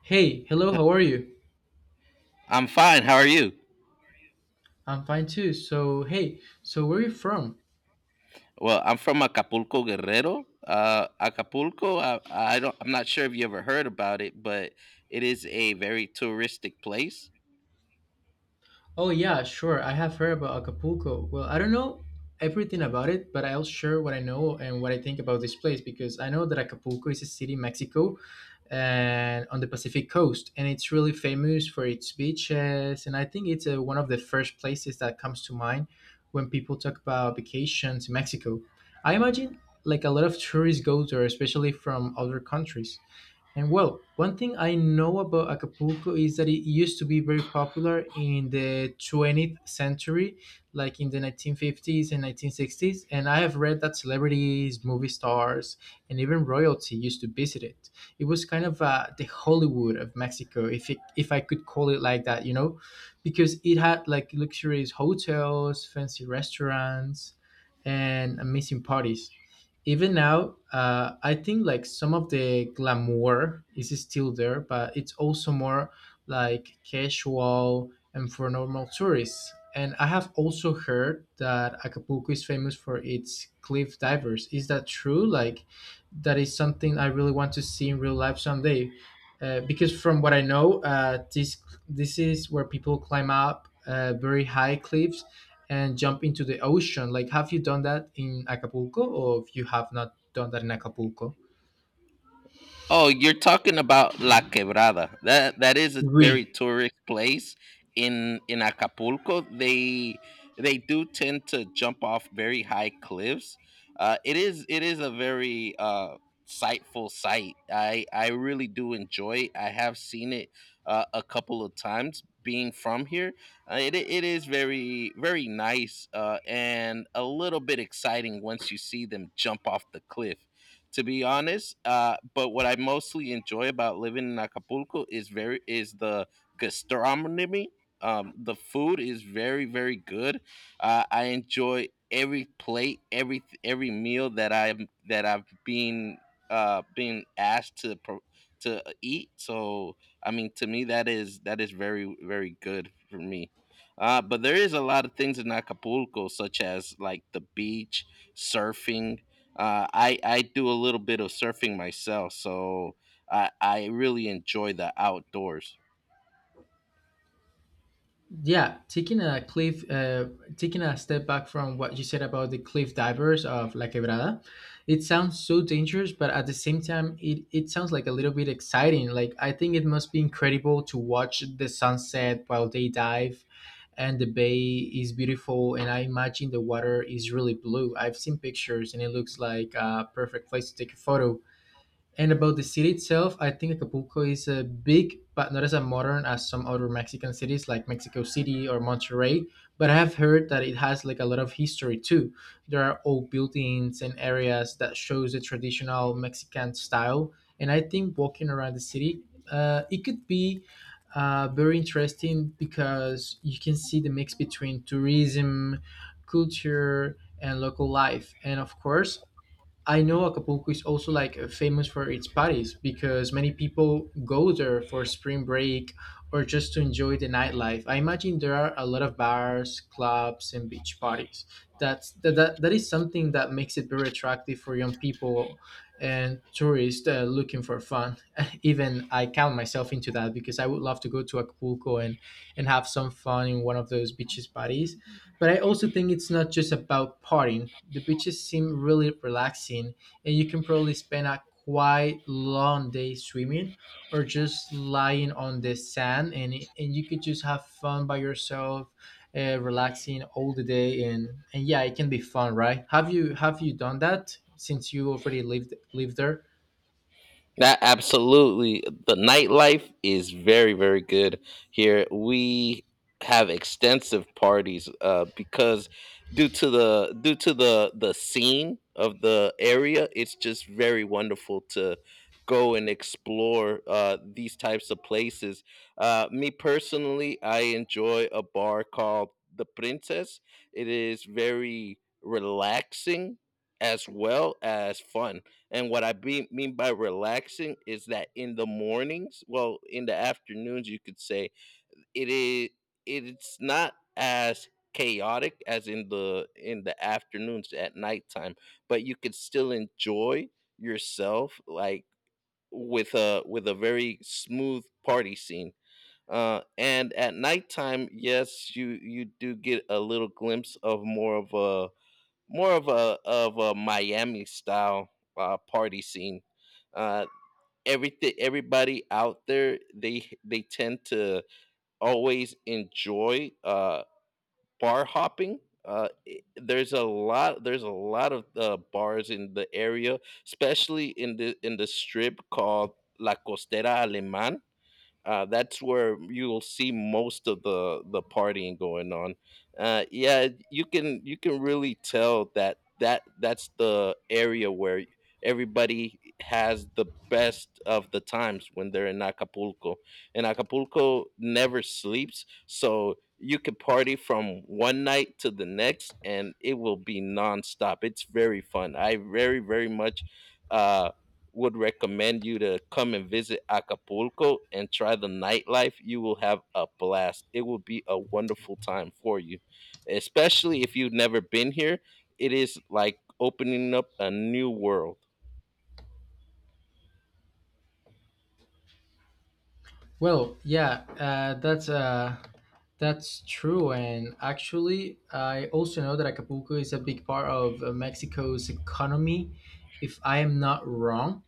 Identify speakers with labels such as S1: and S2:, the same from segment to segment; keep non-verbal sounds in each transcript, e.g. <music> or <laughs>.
S1: Hey, hello, how are you?
S2: I'm fine. How are you?
S1: I'm fine too. So, hey, where are you from?
S2: Well, I'm from Acapulco, Guerrero. Acapulco. I don't. I'm not sure if you ever heard about it, but it is a very touristic place.
S1: Oh, yeah, sure. I have heard about Acapulco. Well, I don't know everything about it, but I'll share what I know and what I think about this place because I know that Acapulco is a city in Mexico and on the Pacific coast, and it's really famous for its beaches. And I think it's one of the first places that comes to mind when people talk about vacations in Mexico. I imagine like a lot of tourists go there, especially from other countries. And well, one thing I know about Acapulco is that it used to be very popular in the 20th century, like in the 1950s and 1960s. And I have read that celebrities, movie stars, and even royalty used to visit it. It was kind of the Hollywood of Mexico, if I could call it like that, you know, because it had like luxurious hotels, fancy restaurants, and amazing parties even now I think like some of the glamour is still there, but it's also more like casual and for normal tourists. And I have also heard that Acapulco is famous for its cliff divers. Is that true? Like, that is something I really want to see in real life someday, because from what I know this is where people climb up very high cliffs and jump into the ocean. Like, have you done that in Acapulco, or if you have not done that in Acapulco?
S2: Oh, you're talking about La Quebrada. That is a very
S1: We,
S2: tourist place in Acapulco. They do tend to jump off very high cliffs. It is a very sightful sight. I really do enjoy. It. I have seen it a couple of times. Being from here, it is very very nice and a little bit exciting once you see them jump off the cliff to be honest. But what I mostly enjoy about living in Acapulco is very is the gastronomy. The food is very very good. I enjoy every plate, every meal that I've been being asked to to eat. So I mean, to me, that is very very good for me. But there is a lot of things in Acapulco, such as like the beach, surfing, I do a little bit of surfing myself, so I really enjoy the outdoors.
S1: yeah, taking a cliff, taking a step back from what you said about the cliff divers of La Quebrada, it sounds so dangerous, but at the same time, it sounds like a little bit exciting. Like, I think it must be incredible to watch the sunset while they dive. And the bay is beautiful, and I imagine the water is really blue. I've seen pictures, and it looks like a perfect place to take a photo. And about the city itself, I think Acapulco is big, but not as a modern as some other Mexican cities like Mexico City or Monterrey. But I have heard that it has like a lot of history too. There are old buildings and areas that shows the traditional Mexican style. And I think walking around the city, it could be very interesting because you can see the mix between tourism, culture, and local life. And of course, I know Acapulco is also like famous for its parties because many people go there for spring break or just to enjoy the nightlife. I imagine there are a lot of bars, clubs, and beach parties. That is something that makes it very attractive for young people and tourists looking for fun. <laughs> Even I count myself into that because I would love to go to Acapulco and have some fun in one of those beaches parties, but I also think it's not just about partying. The beaches seem really relaxing, and you can probably spend a quite long day swimming or just lying on the sand, and you could just have fun by yourself, relaxing all the day, and yeah, it can be fun, right? Have you done that since you already lived there?
S2: That absolutely. The nightlife is very, very good here. We have extensive parties because due to the scene of the area, it's just very wonderful to go and explore these types of places. Me personally, I enjoy a bar called the Princess. It is very relaxing as well as fun and what I mean by relaxing is that in the mornings, well, in the afternoons, you could say it is. It's not as chaotic as in the afternoons at nighttime, but you could still enjoy yourself like with a very smooth party scene. And at nighttime, yes, you do get a little glimpse of more of a Miami style party scene. Uh, Everybody out there, they tend to always enjoy bar hopping. There's a lot of bars in the area, especially in the strip called La Costera Alemán, that's where you'll see most of the partying going on. Yeah, you can really tell that that's the area where everybody has the best of the times when they're in Acapulco. And Acapulco never sleeps, so you can party from one night to the next, and it will be nonstop. It's very fun. I very very much. Uh, would recommend you to come and visit Acapulco and try the nightlife. You will have a blast. It will be a wonderful time for you, especially if you've never been here. It is like opening up a new world.
S1: Well, yeah, that's true. And actually, I also know that Acapulco is a big part of Mexico's economy, if I am not wrong.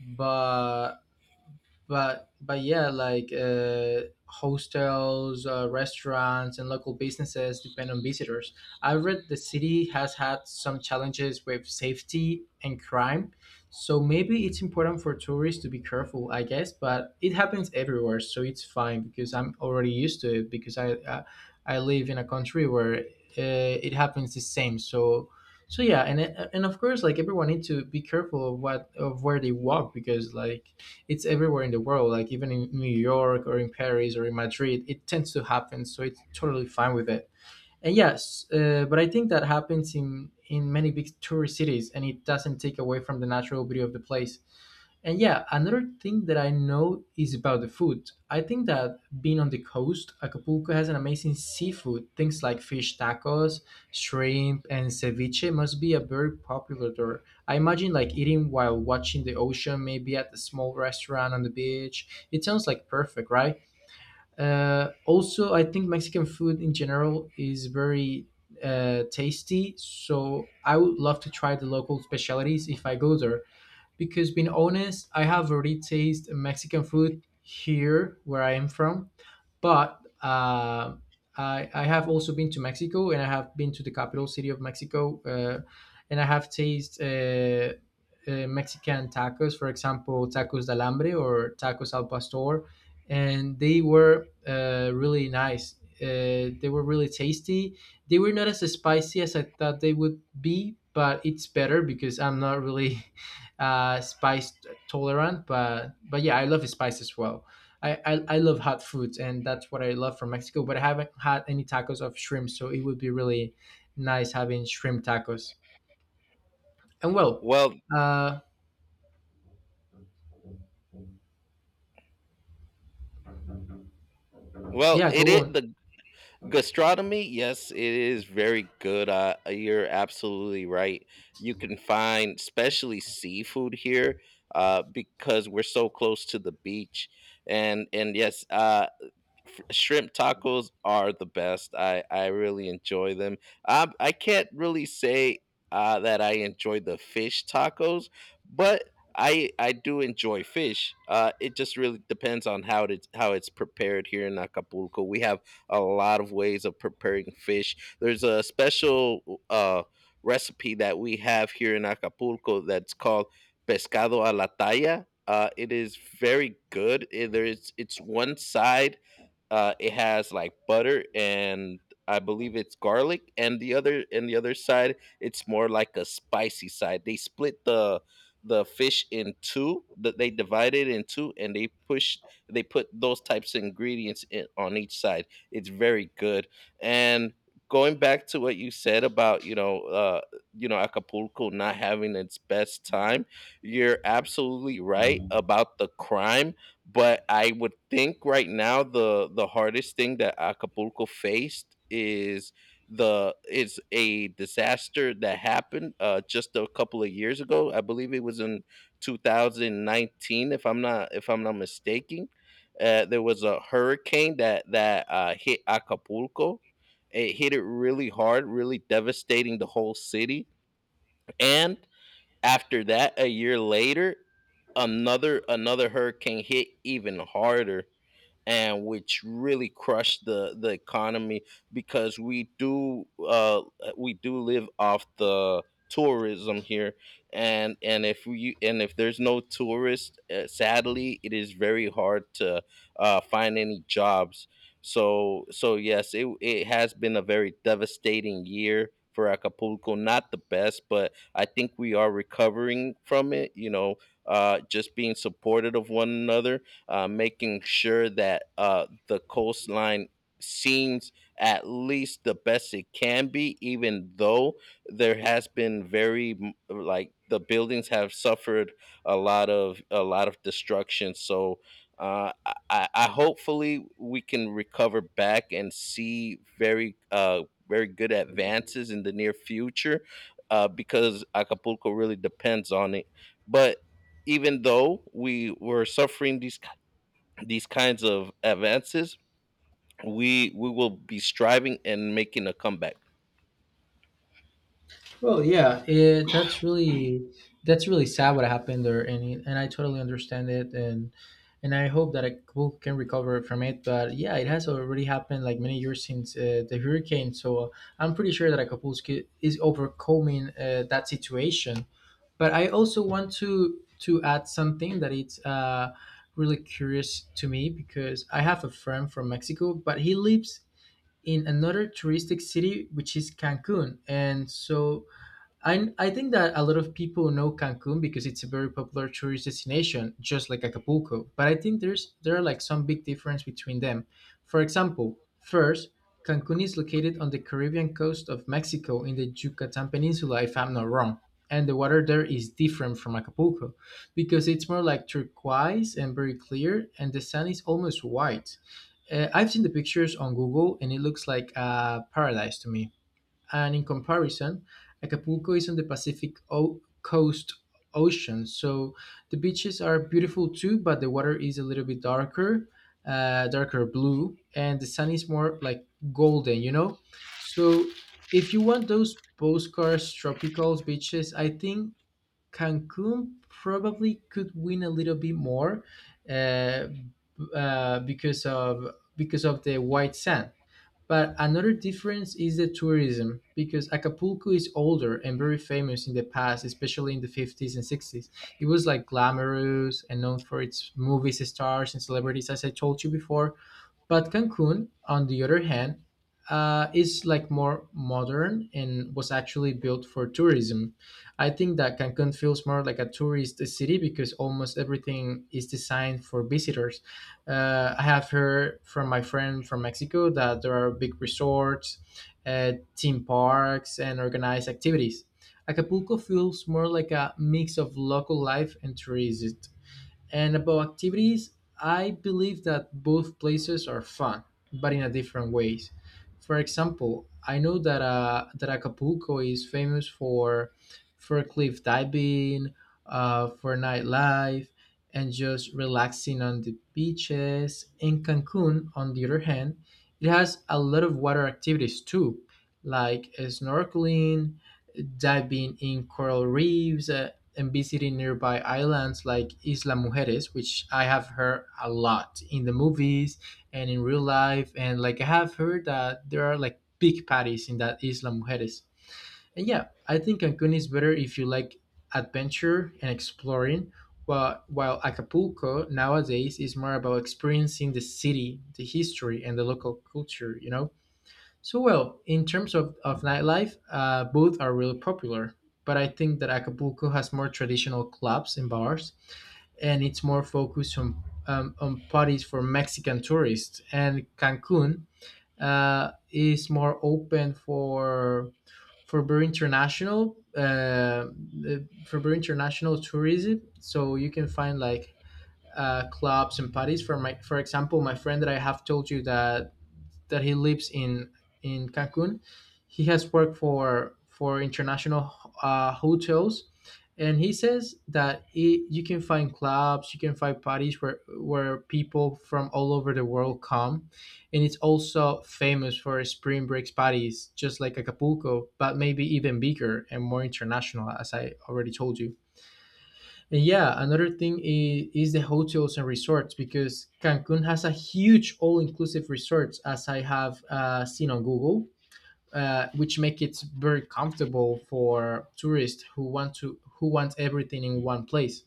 S1: But but yeah, like hostels, restaurants, and local businesses depend on visitors. I read the city has had some challenges with safety and crime, so maybe it's important for tourists to be careful, I guess. But it happens everywhere, so it's fine because I'm already used to it, because I live in a country where it happens the same. So yeah. And of course, like, everyone needs to be careful of what, of where they walk, because like it's everywhere in the world. Like even in New York or in Paris or in Madrid, it tends to happen, so it's totally fine with it. And yes, but I think that happens in many big tourist cities, and it doesn't take away from the natural beauty of the place. And yeah, another thing that I know is about the food. I think that being on the coast, Acapulco has an amazing seafood. Things like fish tacos, shrimp, and ceviche must be a very popular there. I imagine like eating while watching the ocean, maybe at a small restaurant on the beach. It sounds like perfect, right? Also, I think Mexican food in general is very tasty. So I would love to try the local specialties if I go there, because being honest, I have already tasted Mexican food here where I am from, but I have also been to Mexico, and I have been to the capital city of Mexico, and I have tasted. Mexican tacos, for example, tacos del hambre or tacos al pastor, and they were really nice. They were really tasty. They were not as spicy as I thought they would be, but it's better because I'm not really spice tolerant, but yeah, I love spice as well. I love hot foods, and that's what I love from Mexico, but I haven't had any tacos of shrimp, so it would be really nice having shrimp tacos. And well,
S2: Well,
S1: uh,
S2: well,
S1: yeah,
S2: it
S1: go
S2: is
S1: on.
S2: the gastronomy. Yes, it is very good. You're absolutely right. You can find especially seafood here because we're so close to the beach and yes shrimp tacos are the best. I really enjoy them. I can't really say that I enjoy the fish tacos, but I do enjoy fish. It just really depends on how it's prepared here in Acapulco. We have a lot of ways of preparing fish. There's a special recipe that we have here in Acapulco that's called pescado a la talla. It is very good. Eh, There is It's one side, it has like butter and I believe it's garlic, and the other side it's more like a spicy side. They split The fish in two. That they divide it in two, and they put those types of ingredients in, on each side. It's very good. And going back to what you said about you know, Acapulco not having its best time, you're absolutely right about the crime, but I would think right now the hardest thing that Acapulco faced is the is a disaster that happened just a couple of years ago. I believe it was in 2019, if I'm not mistaken. There was a hurricane that hit Acapulco. It hit it really hard, really devastating the whole city, and after that, a year later, another hurricane hit even harder, and which really crushed the economy because we do live off the tourism here, and if we and if there's no tourists, sadly it is very hard to find any jobs. So so yes, it has been a very devastating year for Acapulco, not the best, but I think we are recovering from it, you know, just being supportive of one another, making sure that the coastline seems at least the best it can be, even though there has been like the buildings have suffered a lot of destruction. So hopefully we can recover back and see very very good advances in the near future, because Acapulco really depends on it. But even though we were suffering these kinds of advances, we will be striving and making a comeback.
S1: Well, yeah, that's really sad what happened there, and and I totally understand it, and I hope that I will, can recover from it. But yeah, it has already happened like many years since the hurricane, so I'm pretty sure that Acapulco is overcoming that situation. But I also want to add something that it's really curious to me, because I have a friend from Mexico, but he lives in another touristic city which is Cancun, and so I think that a lot of people know Cancun because it's a very popular tourist destination, just like Acapulco. But I think there are like some big difference between them. For example, first, Cancun is located on the Caribbean coast of Mexico in the Yucatan Peninsula, if I'm not wrong. And the water there is different from Acapulco because it's more like turquoise and very clear, and the sand is almost white. I've seen the pictures on Google, and it looks like a paradise to me. And in comparison, Acapulco is on the Pacific coast ocean. So the beaches are beautiful too, but the water is a little bit darker, darker blue, and the sun is more like golden, you know? So if you want those postcards, tropical beaches, I think Cancun probably could win a little bit more, uh, b- because of the white sand. But another difference is the tourism, because Acapulco is older and very famous in the past, especially in the 50s and 60s. It was like glamorous and known for its movies, stars, and celebrities, as I told you before. But Cancun, on the other hand, is like more modern and was actually built for tourism. I think that Cancun feels more like a tourist city because almost everything is designed for visitors. I have heard from my friend from Mexico that there are big resorts, theme parks, and organized activities. Acapulco feels more like a mix of local life and tourism. And about activities, I believe that both places are fun, but in a different ways. For example, I know that Acapulco is famous for cliff diving, for nightlife, and just relaxing on the beaches. In Cancun, on the other hand, it has a lot of water activities too, like snorkeling, diving in coral reefs, and visiting nearby islands like Isla Mujeres, which I have heard a lot in the movies and in real life. And like, I have heard that there are like big parties in that Isla Mujeres. And yeah, I think Cancun is better if you like adventure and exploring, while Acapulco nowadays is more about experiencing the city, the history, and the local culture, you know? So well, in terms of nightlife, both are really popular. But I think that Acapulco has more traditional clubs and bars, and it's more focused on parties for Mexican tourists. And Cancun is more open for for very international uh, for very international tourism. So you can find like clubs and parties. For example, my friend that I have told you that he lives in Cancun, he has worked for international hotels, and he says that you can find clubs, you can find parties where people from all over the world come, and it's also famous for spring breaks parties, just like Acapulco, but maybe even bigger and more international, as I already told you. Yeah, another thing is the hotels and resorts because Cancun has a huge all-inclusive resorts, as I have seen on Google, which make it very comfortable for tourists who want everything in one place,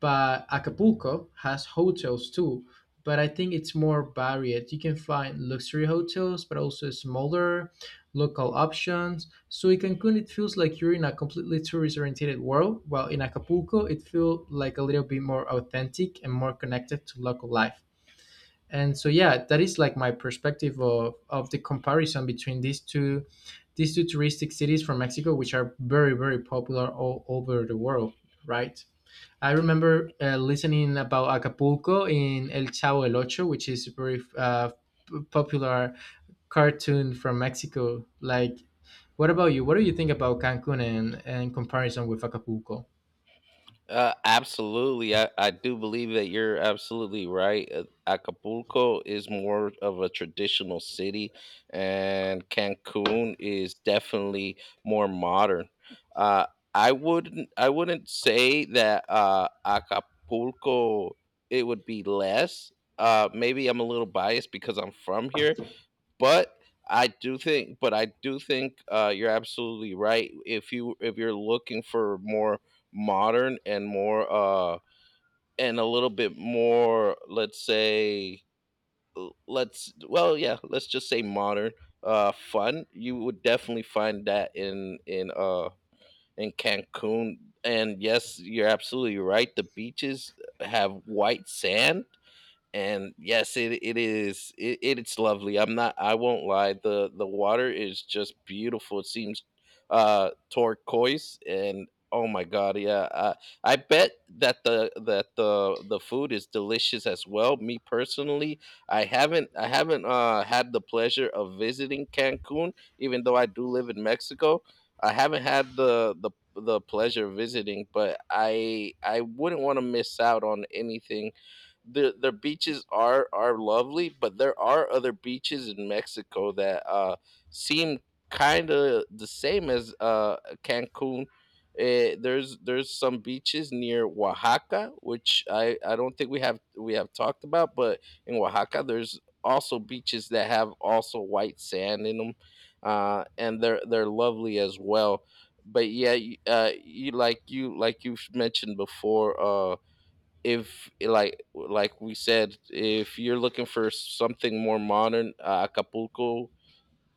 S1: but Acapulco has hotels too. But I think it's more varied. You can find luxury hotels, but also smaller local options. So in Cancun, it feels like you're in a completely tourist-oriented world, while in Acapulco, it feels like a little bit more authentic and more connected to local life. And so yeah, that is like my perspective of the comparison between these two touristic cities from Mexico, which are very very popular all over the world, right? I remember listening about Acapulco in El Chavo El Ocho, which is a very popular cartoon from Mexico. Like, what about you? What do you think about Cancun and comparison with Acapulco?
S2: Absolutely, I do believe that you're absolutely right. Acapulco is more of a traditional city, and Cancun is definitely more modern. Uh, I wouldn't say that Acapulco it would be less. Maybe I'm a little biased because I'm from here, but I do think, you're absolutely right. If you if you're looking for more modern and more, and a little bit more, let's say, yeah, let's just say modern, fun, you would definitely find that in in Cancun. And yes, you're absolutely right. The beaches have white sand, and yes, it is, it, it's lovely. I'm not, I won't lie, the water is just beautiful. It seems turquoise and, oh my god, yeah, I bet that the that the food is delicious as well. Me personally, I haven't had the pleasure of visiting Cancun. Even though I do live in Mexico, I haven't had the pleasure of visiting, but I wouldn't want to miss out on anything. The beaches are lovely, but there are other beaches in Mexico that seem kind of the same as Cancun. There's some beaches near Oaxaca, which I don't think we have talked about, but in Oaxaca there's also beaches that have also white sand in them, and they're lovely as well. But yeah, y- you like you've mentioned before, if like like we said, if you're looking for something more modern, Acapulco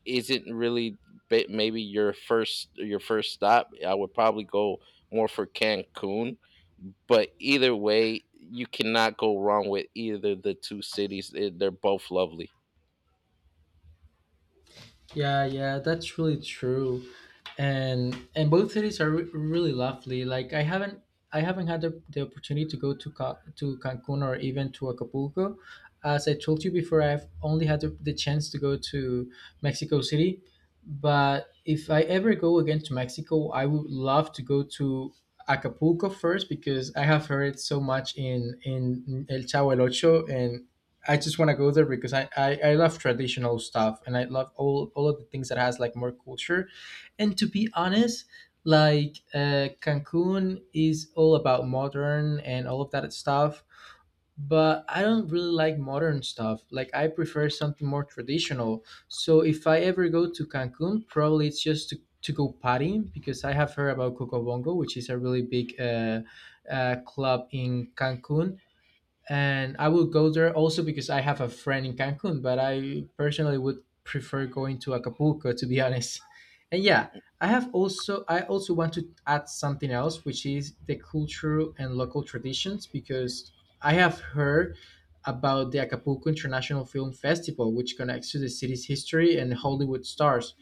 S2: isn't really maybe your first stop. I would probably go more for Cancun, but either way, you cannot go wrong with either the two cities. They're both lovely.
S1: Yeah, yeah, that's really true, and both cities are really lovely. Like I haven't had the opportunity to go to Cancun or even to Acapulco. As I told you before, I've only had the chance to go to Mexico City. But if I ever go again to Mexico, I would love to go to Acapulco first because I have heard so much in El Chavo El Ocho, and I just want to go there because I love traditional stuff, and I love all of the things that has like more culture. And to be honest, like Cancun is all about modern and all of that stuff, but I don't really like modern stuff. Like, I prefer something more traditional. So if I ever go to Cancun, probably it's just to go partying because I have heard about Coco Bongo, which is a really big club in Cancun, and I will go there also because I have a friend in Cancun, but I personally would prefer going to Acapulco to be <laughs> honest. And yeah, I also want to add something else, which is the culture and local traditions, because I have heard about the Acapulco International Film Festival, which connects to the city's history and Hollywood stars.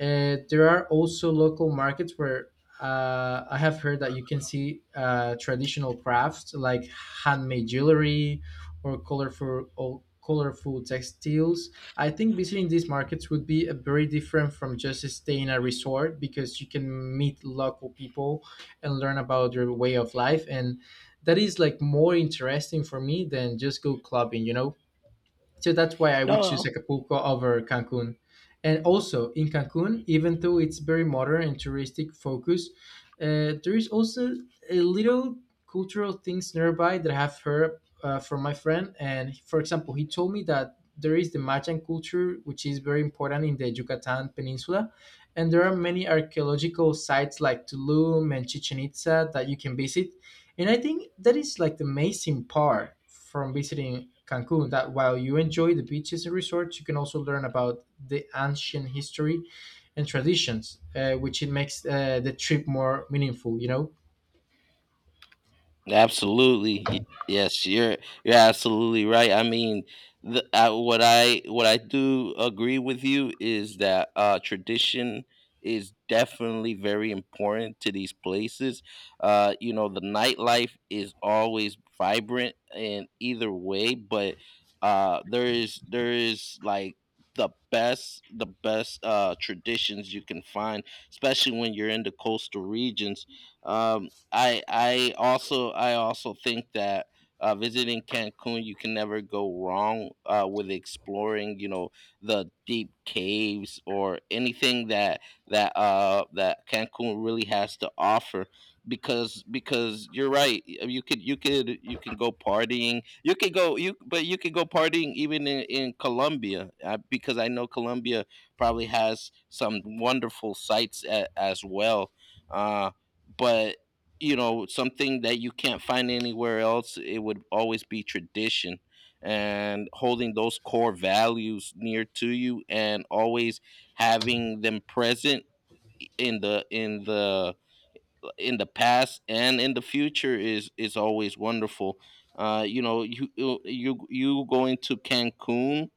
S1: There are also local markets where I have heard that you can see traditional crafts like handmade jewelry, or colorful textiles. I think visiting these markets would be a very different from just staying at a resort because you can meet local people and learn about their way of life, and that is like more interesting for me than just go clubbing, you know? So that's why I would choose Acapulco over Cancun. And also in Cancun, even though it's very modern and touristic focus, there is also a little cultural things nearby that I have heard from my friend. And for example, he told me that there is the Mayan culture, which is very important in the Yucatan Peninsula. And there are many archaeological sites like Tulum and Chichen Itza that you can visit, and I think that is like the amazing part from visiting Cancun, that while you enjoy the beaches and resorts, you can also learn about the ancient history and traditions, which it makes the trip more meaningful, you know?
S2: Absolutely. Yes, you're absolutely right. I mean, what I do agree with you is that tradition is definitely very important to these places. You know, the nightlife is always vibrant in either way, but there is like the best traditions you can find, especially when you're in the coastal regions. Um, I also think that visiting Cancun, you can never go wrong with exploring. You know, the deep caves or anything that that Cancun really has to offer. Because you're right, you could you can go partying. You could go partying even in Colombia, because I know Colombia probably has some wonderful sites as well. Uh, but you know, something that you can't find anywhere else, it would always be tradition and holding those core values near to you and always having them present in the past and in the future is always wonderful. You know, you going to Cancun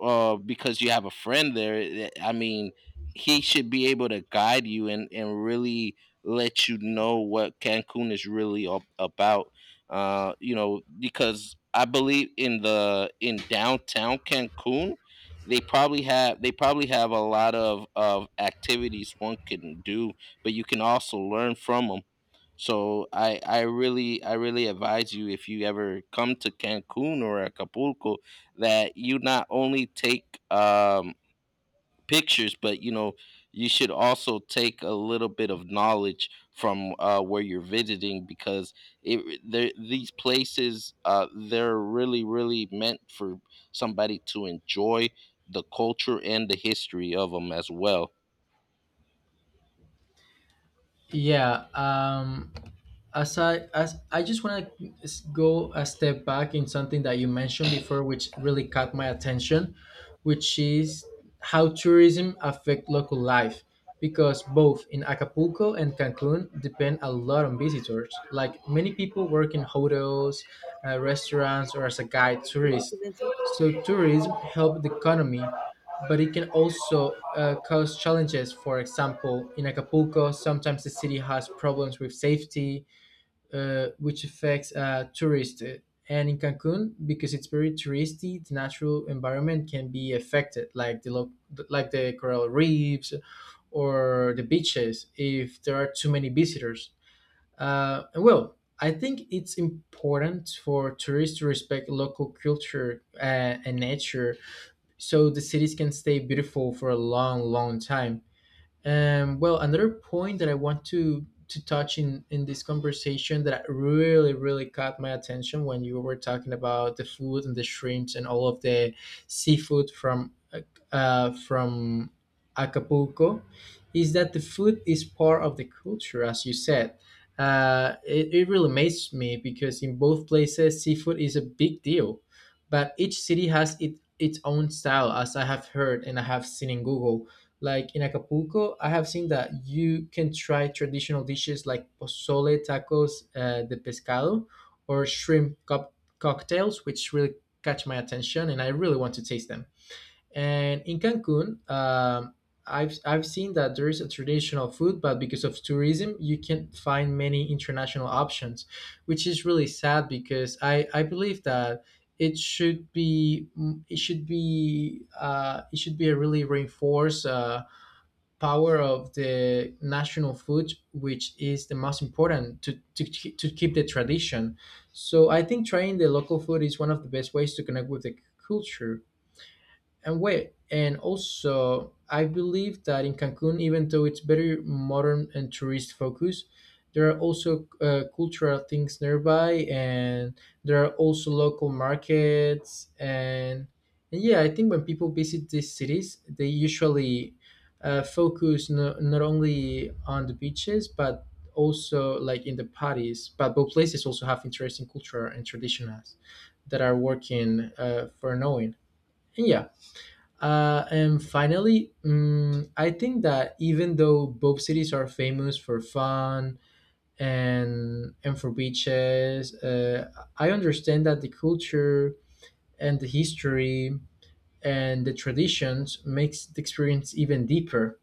S2: because you have a friend there. I mean, he should be able to guide you and really let you know what Cancun is really about. You know, because I believe in the in downtown Cancun, they probably have a lot of activities one can do, but you can also learn from them. So I really advise you if you ever come to Cancun or Acapulco that you not only take pictures, but you should also take a little bit of knowledge from where you're visiting because it there these places they're really really meant for somebody to enjoy the culture and the history of them as well.
S1: Yeah. As I just want to go a step back in something that you mentioned before, which really caught my attention, which is how tourism affect local life. Because both in Acapulco and Cancun depend a lot on visitors. Like, many people work in hotels, restaurants, or as a guide tourist. So tourism help the economy, but it can also cause challenges. For example, in Acapulco, sometimes the city has problems with safety, which affects tourists. And in Cancun, because it's very touristy, the natural environment can be affected, like like the coral reefs or the beaches, if there are too many visitors. And well, I think it's important for tourists to respect local culture and nature, so the cities can stay beautiful for a long, long time. Well, another point that I want to touch in this conversation that really really caught my attention, when you were talking about the food and the shrimps and all of the seafood from Acapulco, is that the food is part of the culture, as you said. It really amazed me because in both places seafood is a big deal, but each city has its own style, as I have heard and I have seen in Google. Like, in Acapulco, I have seen that you can try traditional dishes like pozole, tacos de pescado, or shrimp cocktails, which really catch my attention, and I really want to taste them. And in Cancun, I've seen that there is a traditional food, but because of tourism, you can't find many international options, which is really sad because I believe that it should be it should be a really reinforced. Power of the national food, which is the most important to keep the tradition. So I think trying the local food is one of the best ways to connect with the culture. And wait, and also, I believe that in Cancun, even though it's very modern and tourist focused, there are also cultural things nearby, and there are also local markets. And yeah, I think when people visit these cities, they usually focus not only on the beaches, but also like in the parties. But both places also have interesting culture and traditions that are working for knowing. And yeah, and finally, I think that even though both cities are famous for fun and for beaches, I understand that the culture and the history and the traditions makes the experience even deeper.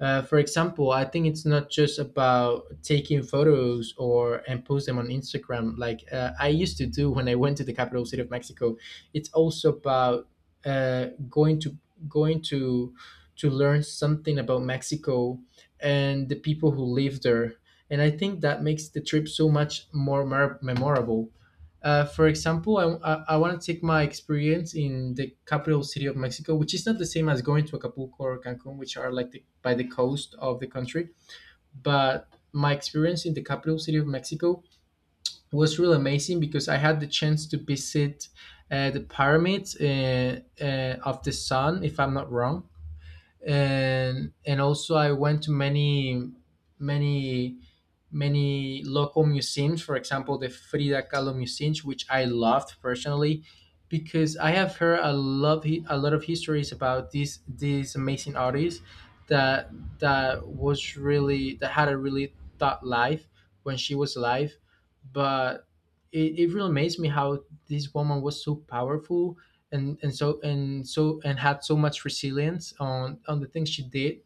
S1: For example, I think it's not just about taking photos or and post them on Instagram like I used to do when I went to the capital city of Mexico. It's also about uh, going to going to learn something about Mexico and the people who live there. And I think that makes the trip so much more memorable. For example, I want to take my experience in the capital city of Mexico, which is not the same as going to Acapulco or Cancun, which are like the, by the coast of the country. But my experience in the capital city of Mexico was really amazing because I had the chance to visit the pyramids of the sun, if I'm not wrong, and also I went to many many local museums. For example, the Frida Kahlo Museum, which I loved personally, because I have heard a lot of histories about this amazing artist, that that had a really thought life when she was alive, but. It really amazed me how this woman was so powerful, and so and so and had so much resilience on the things she did.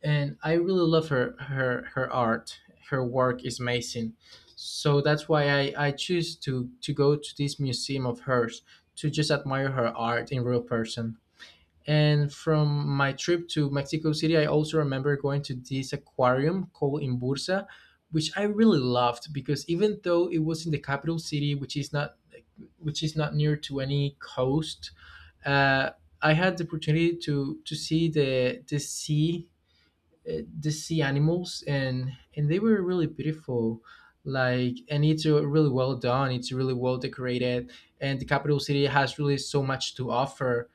S1: And I really love her art. Her work is amazing, so that's why I choose to go to this museum of hers, to just admire her art in real person. And from my trip to Mexico City, I also remember going to this aquarium called In Bursa, which I really loved because even though it was in the capital city, which is not near to any coast, uh, I had the opportunity to see the sea animals, and they were really beautiful. Like, and it's really well done, it's really well decorated, and the capital city has really so much to offer.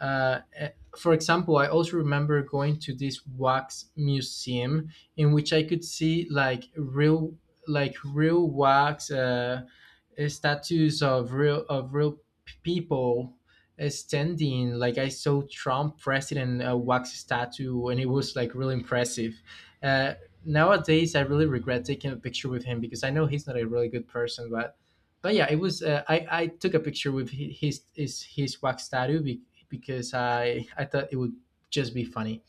S1: uh, eh, for example, I also remember going to this wax museum, in which I could see like real wax statues of real people standing. Like, I saw Trump president, a wax statue, and it was like really impressive. Uh, Nowadays, I really regret taking a picture with him because I know he's not a really good person, but yeah, it was. I took a picture with his wax tattoo because I thought it would just be funny.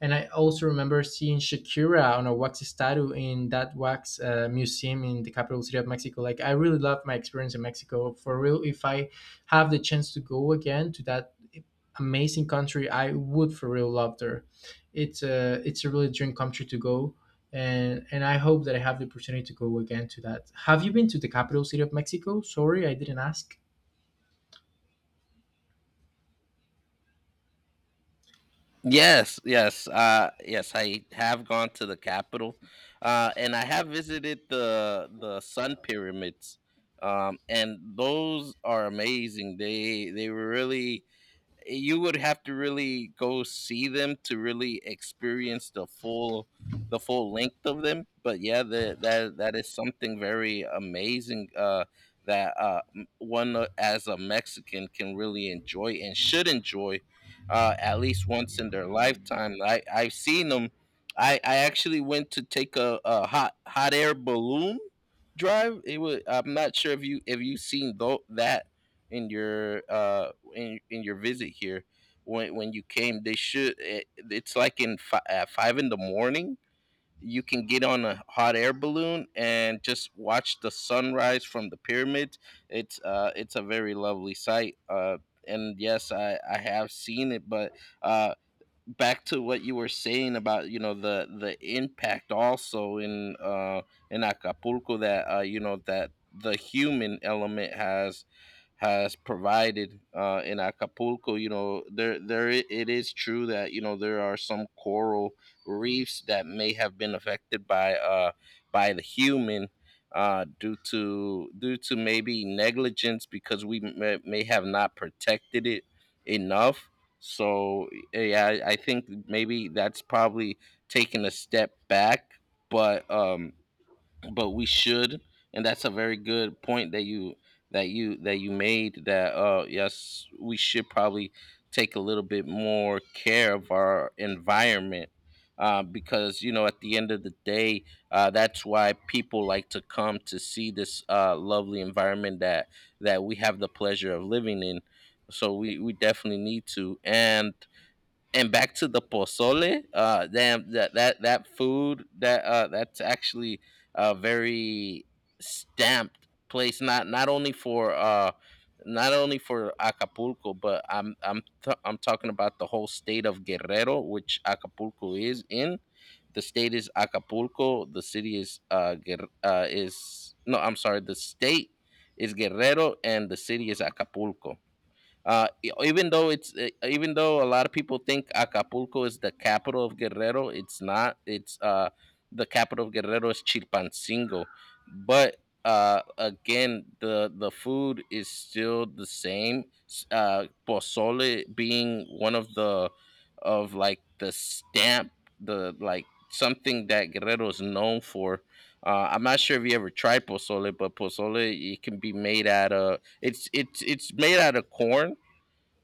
S1: And I also remember seeing Shakira on a wax statue in that wax museum in the capital city of Mexico. Like, I really love my experience in Mexico. For real, if I have the chance to go again to that amazing country, I would for real love there. It's a really dream country to go, and I hope that I have the opportunity to go again to that. Have you been to the capital city of Mexico? Sorry, I didn't ask.
S2: Yes, yes, yes. I have gone to the capital, and I have visited the Sun pyramids, and those are amazing. They were really, you would have to really go see them to really experience the full length of them, but yeah, that is something very amazing, that one, as a Mexican, can really enjoy and should enjoy at least once in their lifetime. I've seen them. I actually went to take a hot air balloon drive. It was, I'm not sure if you that in your in your visit here when you came. It's like at 5 in the morning you can get on a hot air balloon and just watch the sunrise from the pyramids. It's a very lovely sight. And yes, I have seen it. But uh back to what you were saying about, you know, the impact also in Acapulco that, you know, that the human element has provided in Acapulco. You know, it is true that, you know, there are some coral reefs that may have been affected by the human, due to maybe negligence because we may have not protected it enough. So yeah, I think maybe that's probably taking a step back, but um, but we should. And that's a very good point that you that you that you made, that yes, we should probably take a little bit more care of our environment. Because, you know, at the end of the day, that's why people like to come to see this lovely environment that we have the pleasure of living in. So we definitely need to. And back to the pozole, damn, that food, that that's actually a very stamped place, not only for Acapulco, but I'm talking about the whole state of Guerrero, which Acapulco is in. The state is Acapulco the city is Guer- is no I'm sorry, the state is Guerrero and the city is Acapulco. Even though it's even though a lot of people think Acapulco is the capital of Guerrero, it's not. It's The capital of Guerrero is Chilpancingo. But again, the food is still the same. Pozole being one of the of like the stamp, the like something that Guerrero is known for. I'm not sure if you ever tried pozole, but pozole, it can be made out of, it's made out of corn.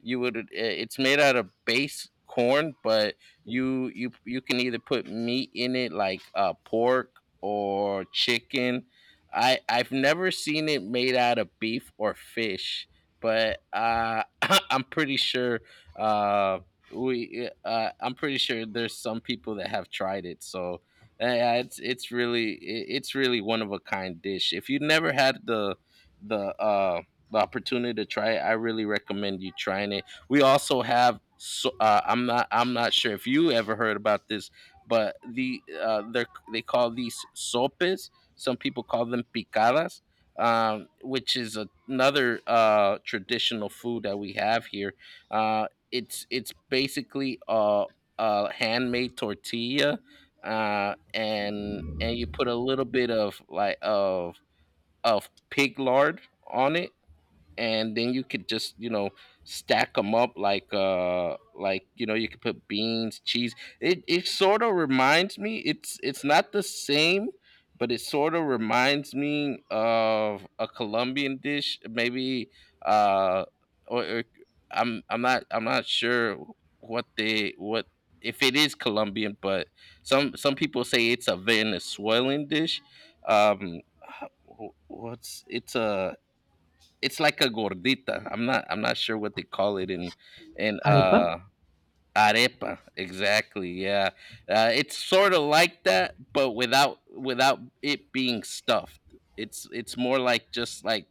S2: You would It's made out of base corn, but you can either put meat in it, like pork or chicken. I've never seen it made out of beef or fish, but <laughs> I'm pretty sure uh we I'm pretty sure there's some people that have tried it. So yeah, it's really one of a kind dish. If you never had the the uh the opportunity to try it, I really recommend you trying it. We also have, so I'm not sure if you ever heard about this, but they call these sopes. Some people call them picadas, which is another, traditional food that we have here. It's basically a handmade tortilla, and you put a little bit of, like, of pig lard on it, and then you could just, you know, stack them up, like, you know, you could put beans, cheese. It sort of reminds me, it's not the same, but it sort of reminds me of a Colombian dish, maybe. Uh or, or I'm not sure what they what if it is Colombian, but some people say it's a Venezuelan dish. Um wh- what's It's a it's like a gordita. I'm not sure what they call it in in
S1: Arepa.
S2: uh arepa. Exactly. Yeah. It's sort of like that, but without it being stuffed. It's more like just like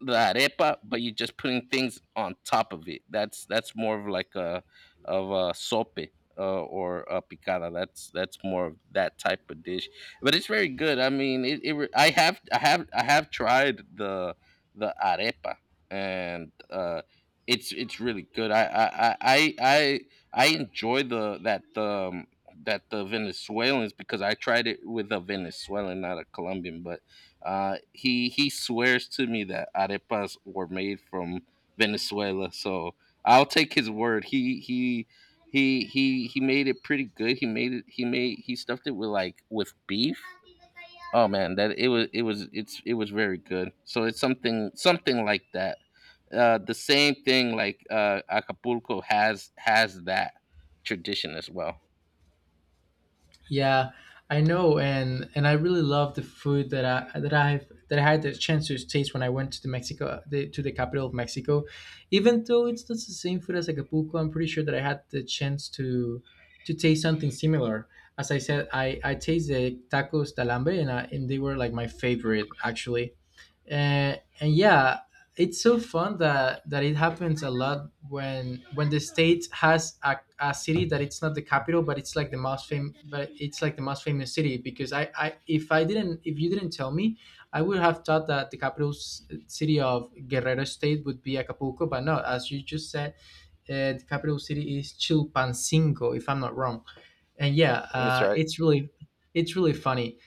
S2: the arepa, but you're just putting things on top of it. That's more of like a of a sope, or a picada. That's more of that type of dish, but it's very good. I mean, it re- I have I have I have tried the arepa, and it's really good. I enjoy the that the Venezuelans, because I tried it with a Venezuelan, not a Colombian, but he swears to me that arepas were made from Venezuela, so I'll take his word. He made it pretty good. He made it. He stuffed it with, like, with beef. Oh man, that it was it's it was very good. So it's something, something like that. The same thing, like, Acapulco has that tradition as well.
S1: Yeah, I know, and I really love the food that I that I've that I had the chance to taste when I went to the Mexico to the capital of Mexico. Even though it's not the same food as Acapulco, I'm pretty sure that I had the chance to taste something similar. As I said, I tasted tacos de alambre, and I, and they were like my favorite actually. And yeah, it's so fun that it happens a lot when the state has a city that it's not the capital, but it's like the most famous city, because I if I didn't if you didn't tell me, I would have thought that the capital city of Guerrero state would be Acapulco. But no, as you just said, the capital city is Chilpancingo, if I'm not wrong. And yeah,
S2: That's right.
S1: it's really funny.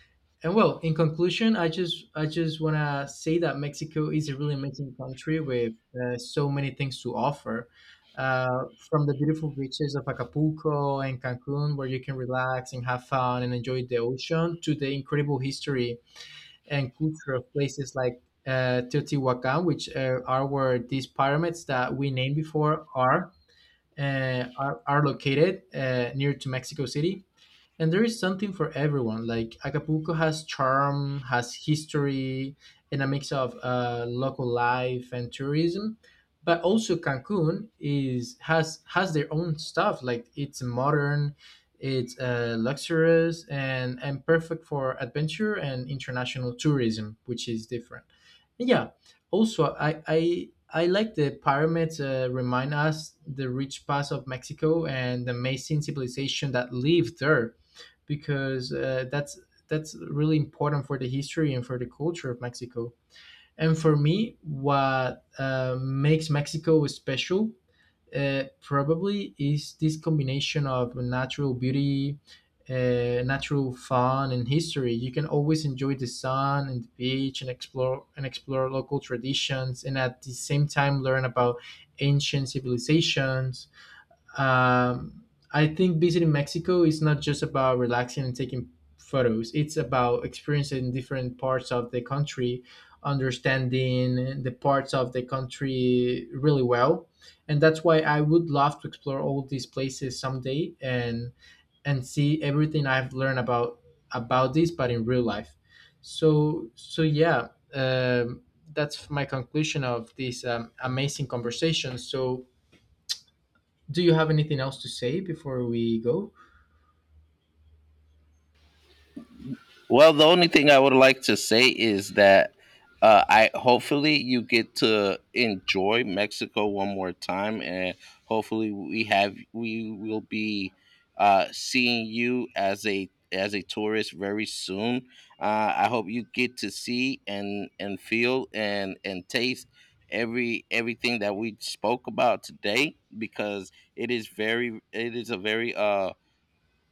S1: And well, in conclusion, I just want to say that Mexico is a really amazing country with so many things to offer, uh, from the beautiful beaches of Acapulco and Cancun, where you can relax and have fun and enjoy the ocean, to the incredible history and culture of places like Teotihuacan, which are where these pyramids that we named before are are located near to Mexico City. And there is something for everyone. Like Acapulco has charm, has history, and a mix of local life and tourism. But also Cancun is has their own stuff. Like it's modern, it's luxurious, and perfect for adventure and international tourism, which is different. Yeah, also, I like the pyramids remind us the rich past of Mexico and the amazing civilization that lived there, because that's really important for the history and for the culture of Mexico. And for me, what makes Mexico special probably is this combination of natural beauty, natural fun, and history. You can always enjoy the sun and the beach and explore local traditions, and at the same time learn about ancient civilizations. um, I think visiting Mexico is not just about relaxing and taking photos. It's about experiencing different parts of the country, understanding the parts of the country really well. And that's why I would love to explore all these places someday and see everything I've learned about this, but in real life. So so yeah, that's my conclusion of this amazing conversation. So do you have anything else to say before we go?
S2: Well, the only thing I would like to say is that I hopefully, you get to enjoy Mexico one more time, and hopefully we will be seeing you as a tourist very soon. I hope you get to see and feel and taste everything that we spoke about today, because it is very, it is a very,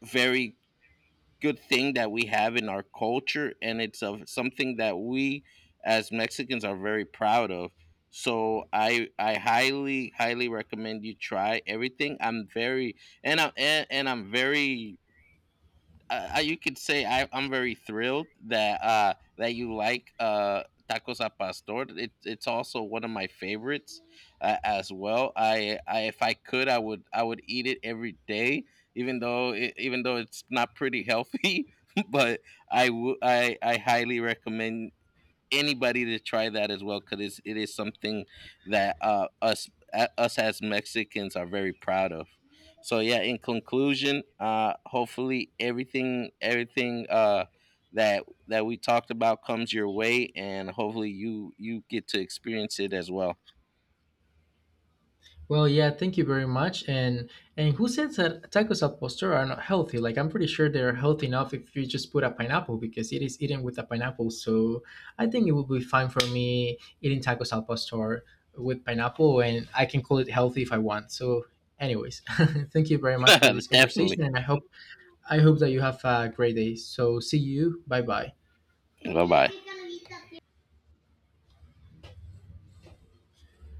S2: very good thing that we have in our culture, and it's of something that we, as Mexicans, are very proud of. So I highly recommend you try everything. I'm very, and I'm very, you could say, I'm very thrilled that, that you like, tacos a pastor. It's also one of my favorites, as well. I If I could, I would, eat it every day, even though even though it's not pretty healthy. <laughs> But I would, I highly recommend anybody to try that as well, because it is something that, us, as Mexicans, are very proud of. So yeah, in conclusion, hopefully, everything, that we talked about comes your way, and hopefully you get to experience it as well.
S1: Well, yeah, thank you very much. And who says that tacos al pastor are not healthy? Like I'm pretty sure they're healthy enough if you just put a pineapple, because it is eaten with a pineapple. So I think it would be fine for me eating tacos al pastor with pineapple, and I can call it healthy if I want. So, anyways, <laughs> thank you very much for this
S2: <laughs>
S1: conversation,
S2: Definitely.
S1: and I hope that you have a great day. So see you. Bye bye.
S2: Bye bye.